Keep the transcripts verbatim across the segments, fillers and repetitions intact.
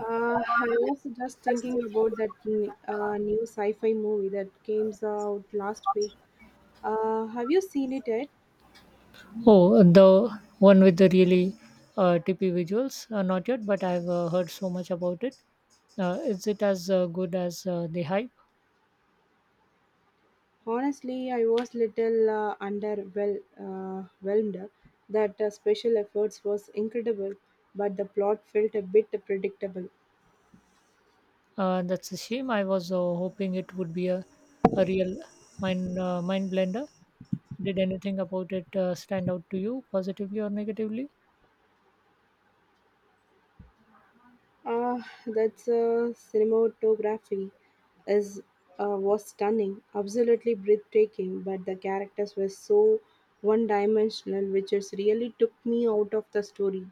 Uh, I was just thinking about that n- uh, new sci-fi movie that came out last week. Uh, have you seen it yet? Oh, the one with the really uh, tippy visuals? Uh, not yet, but I've uh, heard so much about it. Uh, is it as uh, good as uh, the hype? Honestly, I was little uh, underwhelmed. Uh, whelmed. that uh, special efforts was incredible, but the plot felt a bit predictable. Uh, that's a shame. I was uh, hoping it would be a, a real mind uh, mind blender. Did anything about it uh, stand out to you, positively or negatively? Ah, that's uh, cinematography is uh, was stunning, absolutely breathtaking. But the characters were so one-dimensional, which is really took me out of the story.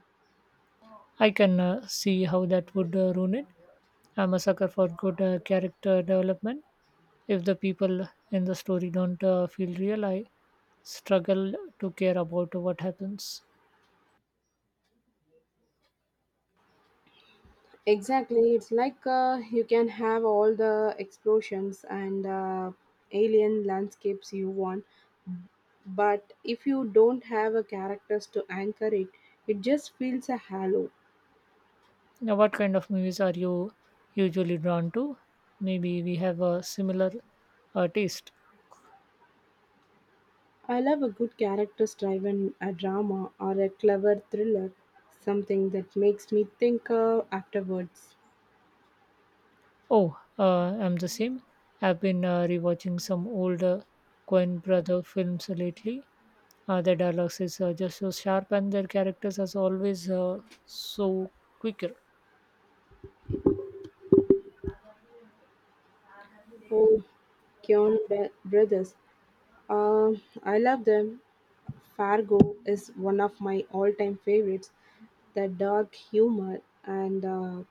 I can uh, see how that would uh, ruin it. I'm a sucker for good uh, character development. If the people in the story don't uh, feel real, I struggle to care about what happens. Exactly, it's like uh, you can have all the explosions and uh, alien landscapes you want, but if you don't have a characters to anchor it, it just feels a hollow. Now what kind of movies are you usually drawn to? Maybe we have a similar uh, taste. I love a good character driven a drama or a clever thriller, something that makes me think uh, afterwards. Oh uh, I'm the same. I've been uh, rewatching some old uh, coin brother films lately. Uh, their dialogues is uh, just so sharp and their characters are always uh, so quicker. Oh, Keon Be- Brothers. Uh, I love them. Fargo is one of my all time favorites. The dark humor and uh,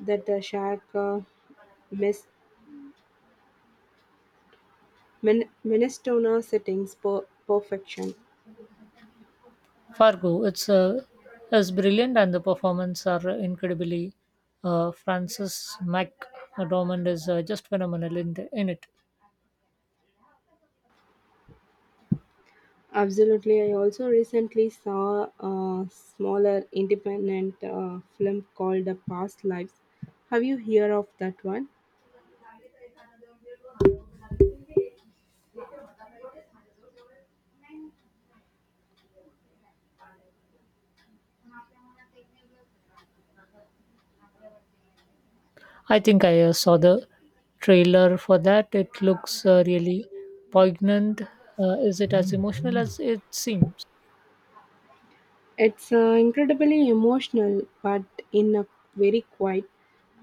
that the shark uh, mis- min- Minnesota settings per- perfection. Fargo. It's uh, is brilliant, and the performance are incredibly. Uh, Francis McDormand is uh, just phenomenal in, the, in it. Absolutely. I also recently saw a smaller independent uh, film called The Past Lives. Have you heard of that one? I think I uh, saw the trailer for that. It looks uh, really poignant. Uh, is it as emotional as it seems? It's uh, incredibly emotional, but in a very quiet,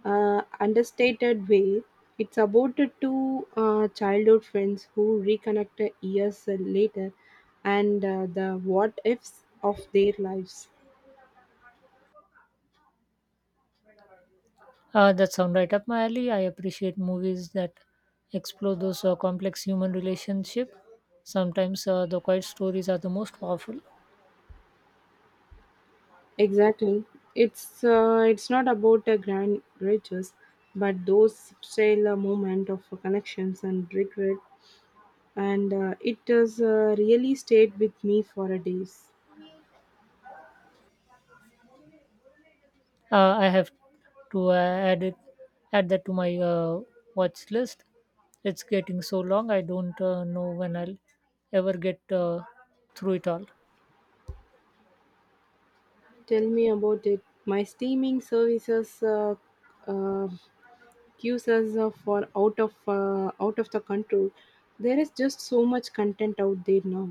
uh, understated way. It's about the two uh, childhood friends who reconnect years later and uh, the what ifs of their lives. Uh, that sound right up my alley. I appreciate movies that explore those uh, complex human relationship. Sometimes uh, the quiet stories are the most powerful. Exactly. It's uh, it's not about a grand riches, but those subtle uh, moment of uh, connections and regret, and uh, it has uh, really stayed with me for a days. Uh, I have to uh, add it, add that to my uh, watch list. It's getting so long. I don't uh, know when I'll ever get uh, through it all. Tell me about it. My streaming services uh, uh, queues us uh, for out of uh, out of the control. There is just so much content out there now.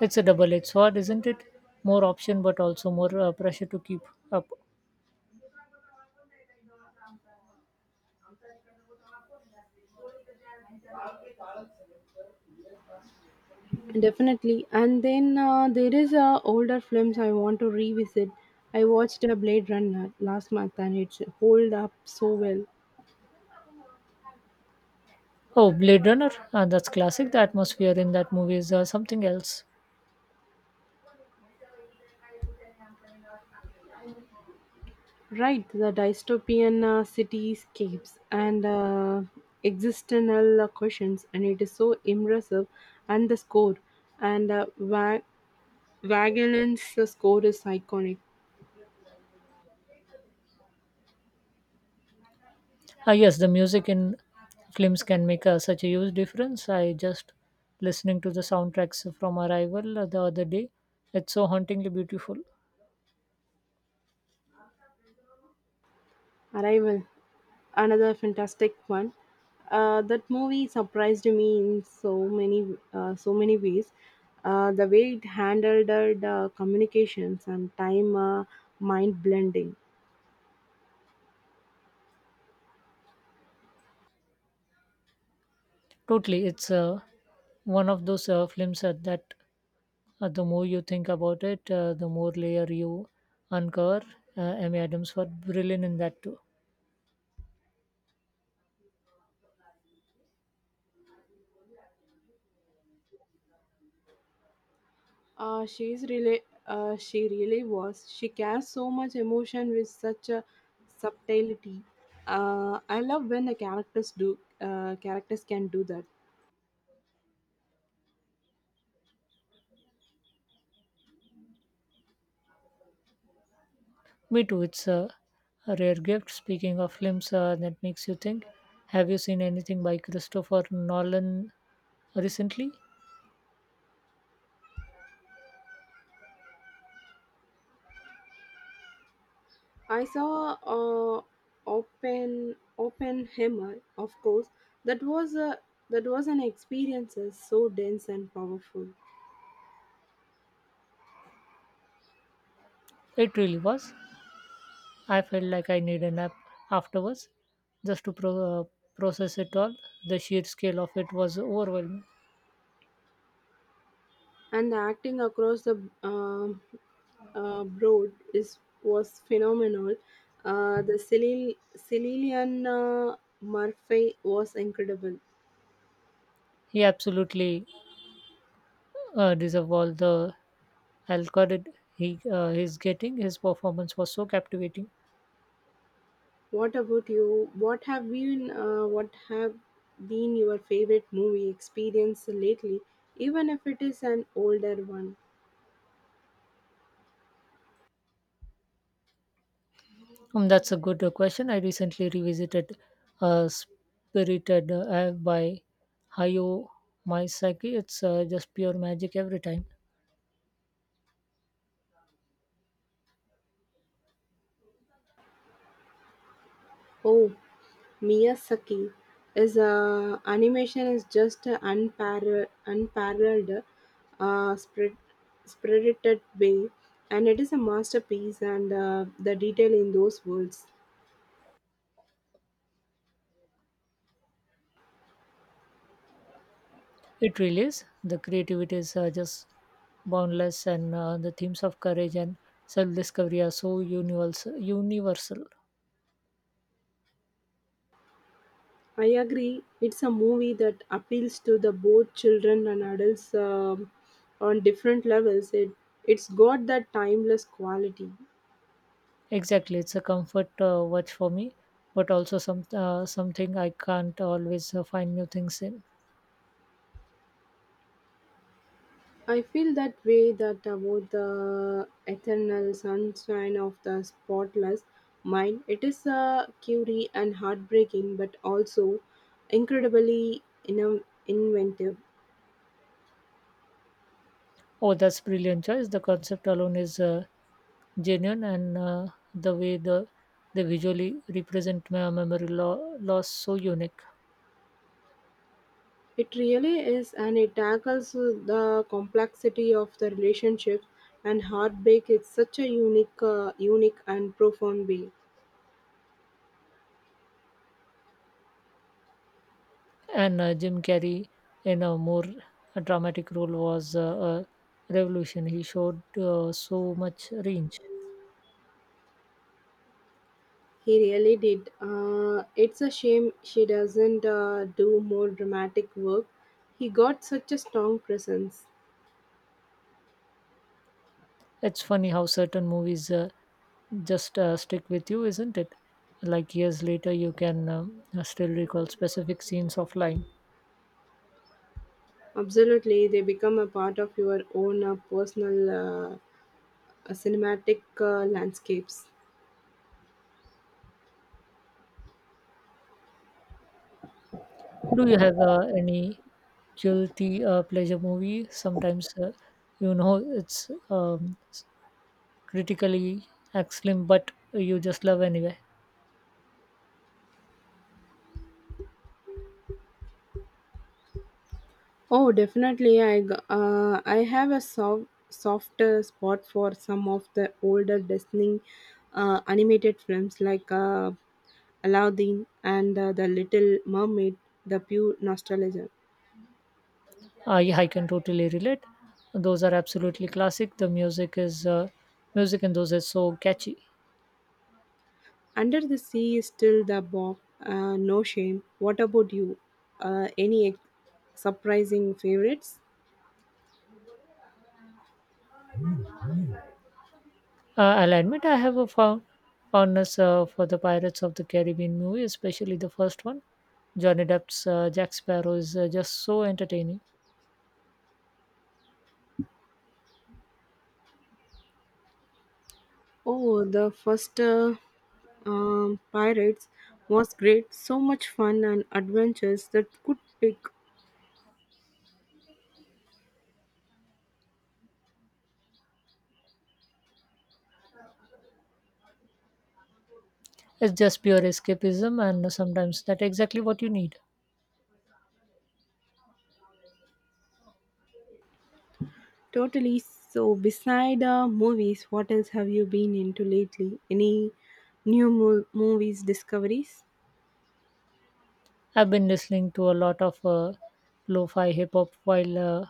It's a double-edged sword, isn't it? More option, but also more uh, pressure to keep up. Definitely. And then uh, there is uh, older films I want to revisit. I watched a Blade Runner last month and it's hold up so well. Oh, Blade Runner. Uh, that's classic. The atmosphere in that movie is uh, something else. Right, the dystopian uh, cityscapes and uh, existential uh, questions, and it is so immersive. And the score and uh, Wa- Wagelin's score is iconic. Ah, yes, the music in films can make uh, such a huge difference. I just listening to the soundtracks from Arrival uh, the other day. It's so hauntingly beautiful. Arrival. Another fantastic one. Uh, that movie surprised me in so many uh, so many ways. Uh, the way it handled uh, the communications and time uh, mind blending. Totally, it's uh, one of those uh, films uh, that uh, the more you think about it, uh, the more layer you uncover. Uh, Amy Adams was brilliant in that too. Uh, she's really uh, she really was. She carries so much emotion with such a subtlety. Uh, I love when the characters do uh, characters can do that. Me too. It's uh, a rare gift. Speaking of films uh, that makes you think, have you seen anything by Christopher Nolan recently? I saw uh, Open Oppenheimer, of course. That was a that was an experience uh, so dense and powerful, It really was. I felt like I need a nap afterwards, just to pro- uh, process it all. The sheer scale of it was overwhelming. and the acting across the um uh, broad is was phenomenal. Uh, the Cilil- Cililian uh, Murphy was incredible. He absolutely uh, deserved all the Alcott, he uh, he's getting. His performance was so captivating. What about you? What have been uh, what have been your favorite movie experience lately? Even if it is an older one. Um, that's a good uh, question. I recently revisited uh, Spirited uh, by Hayao Miyazaki. It's uh, just pure magic every time. Oh, Miyazaki is uh, animation is just a unparalleled, unparalleled uh, spread, spirited way, and it is a masterpiece. And uh, the detail in those worlds, It really is. The creativity is uh, just boundless, and uh, the themes of courage and self-discovery are so universal. Universal. I agree. It's a movie that appeals to the both children and adults um on different levels. It it's got that timeless quality. Exactly, it's a comfort uh, watch for me, but also some uh, something I can't always uh, find new things in. I feel that way that about the eternal sunshine of the spotless mind. It is a curie and heartbreaking, but also incredibly inno- inventive. Oh, that's brilliant choice. The concept alone is uh, genuine, and uh, the way the they visually represent my memory lo- loss so unique. It really is, and it tackles the complexity of the relationship and heartbreak in such a unique, uh, unique and profound way. And uh, Jim Carrey, in a more dramatic role, was uh, a revolution. He showed uh, so much range. He really did. Uh, it's a shame she doesn't uh, do more dramatic work. He got such a strong presence. It's funny how certain movies uh, just uh, stick with you, isn't it? Like years later, you can um, still recall specific scenes offline. Absolutely, they become a part of your own uh, personal uh, uh, cinematic uh, landscapes. Do you have uh, any guilty uh, pleasure movie? Sometimes, uh, you know, it's um, s- critically excellent, but you just love anyway. Oh, definitely. I g- uh, I have a soft softer spot for some of the older Disney uh, animated films like uh, Aladdin and uh, The Little Mermaid. The pure nostalgia. I, I can totally relate. Those are absolutely classic. The music is uh, music in those is so catchy. Under the Sea is still the bomb. Uh, no shame. What about you? Uh, any ex- Surprising favorites? Uh, I'll admit I have a found, fondness uh, for the Pirates of the Caribbean movie, especially the first one. Johnny Depp's uh, Jack Sparrow is uh, just so entertaining. Oh, the first uh, um, Pirates was great. So much fun and adventures that could pick. It's just pure escapism, and sometimes that's exactly what you need. Totally. So, beside uh, movies, what else have you been into lately? Any new mo- movies discoveries? I've been listening to a lot of uh, lo-fi hip hop while uh,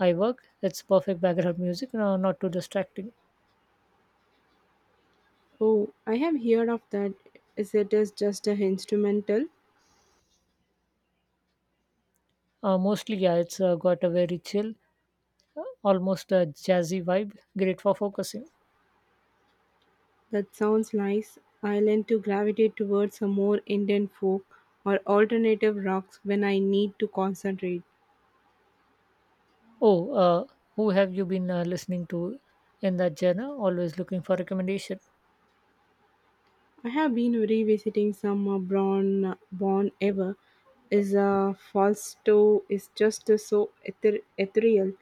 I work. It's perfect background music, uh, not too distracting. Oh, I have heard of that. Is it is just a instrumental? Uh, mostly, yeah, it's uh, got a very chill, uh, almost a jazzy vibe. Great for focusing. That sounds nice. I tend to gravitate towards a more Indian folk or alternative rocks when I need to concentrate. Oh, uh, who have you been uh, listening to in that genre? Always looking for recommendation. I have been revisiting some uh, Born Born Ever. Is a Fausto is just uh, so ether- ethereal,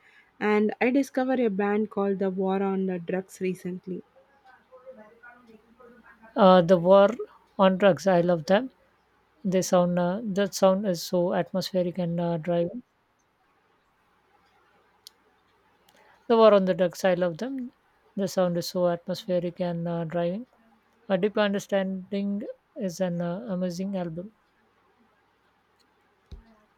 and I discovered a band called the War on the Drugs recently. Uh, The War on Drugs. I love them. They sound uh, that sound is so atmospheric and uh, driving. The War on the Ducks, I love them. The sound is so atmospheric and uh, driving. A Deeper Understanding is an uh, amazing album.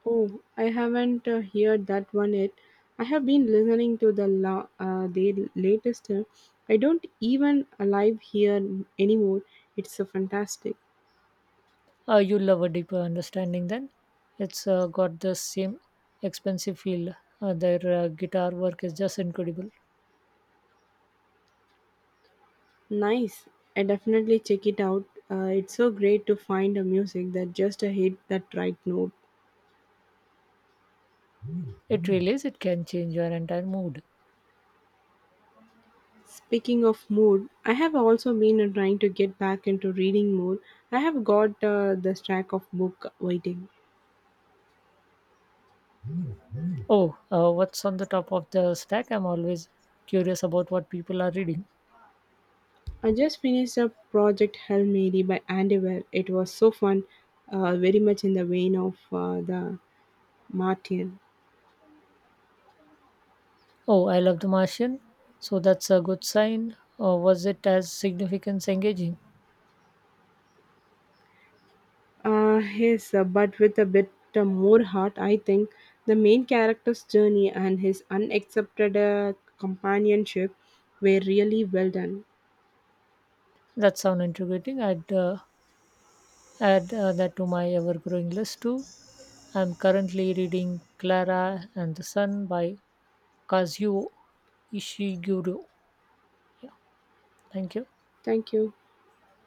Oh, I haven't uh, heard that one yet. I have been listening to the la- uh, the latest. uh, I don't even live here anymore. It's so fantastic. Uh, you love A Deeper Understanding then? It's uh, got the same expensive feel. Uh, their uh, guitar work is just incredible. Nice. I definitely check it out. Uh, it's so great to find a music that just uh, hit that right note. It really is. It can change your entire mood. Speaking of mood, I have also been uh, trying to get back into reading more. I have got uh, the stack of book waiting. Oh, uh, what's on the top of the stack? I'm always curious about what people are reading. I just finished a Project Hail Mary by Andy Weir. It was so fun, uh, very much in the vein of uh, the Martin. Oh, I love The Martian. So that's a good sign. Or was it as significance engaging? Uh, yes, uh, but with a bit uh, more heart, I think. The main character's journey and his unaccepted uh, companionship were really well done. That sounds intriguing. I'd uh, add uh, that to my ever growing list too. I'm currently reading Clara and the Sun by Kazuo Ishiguro. Yeah, thank you. Thank you.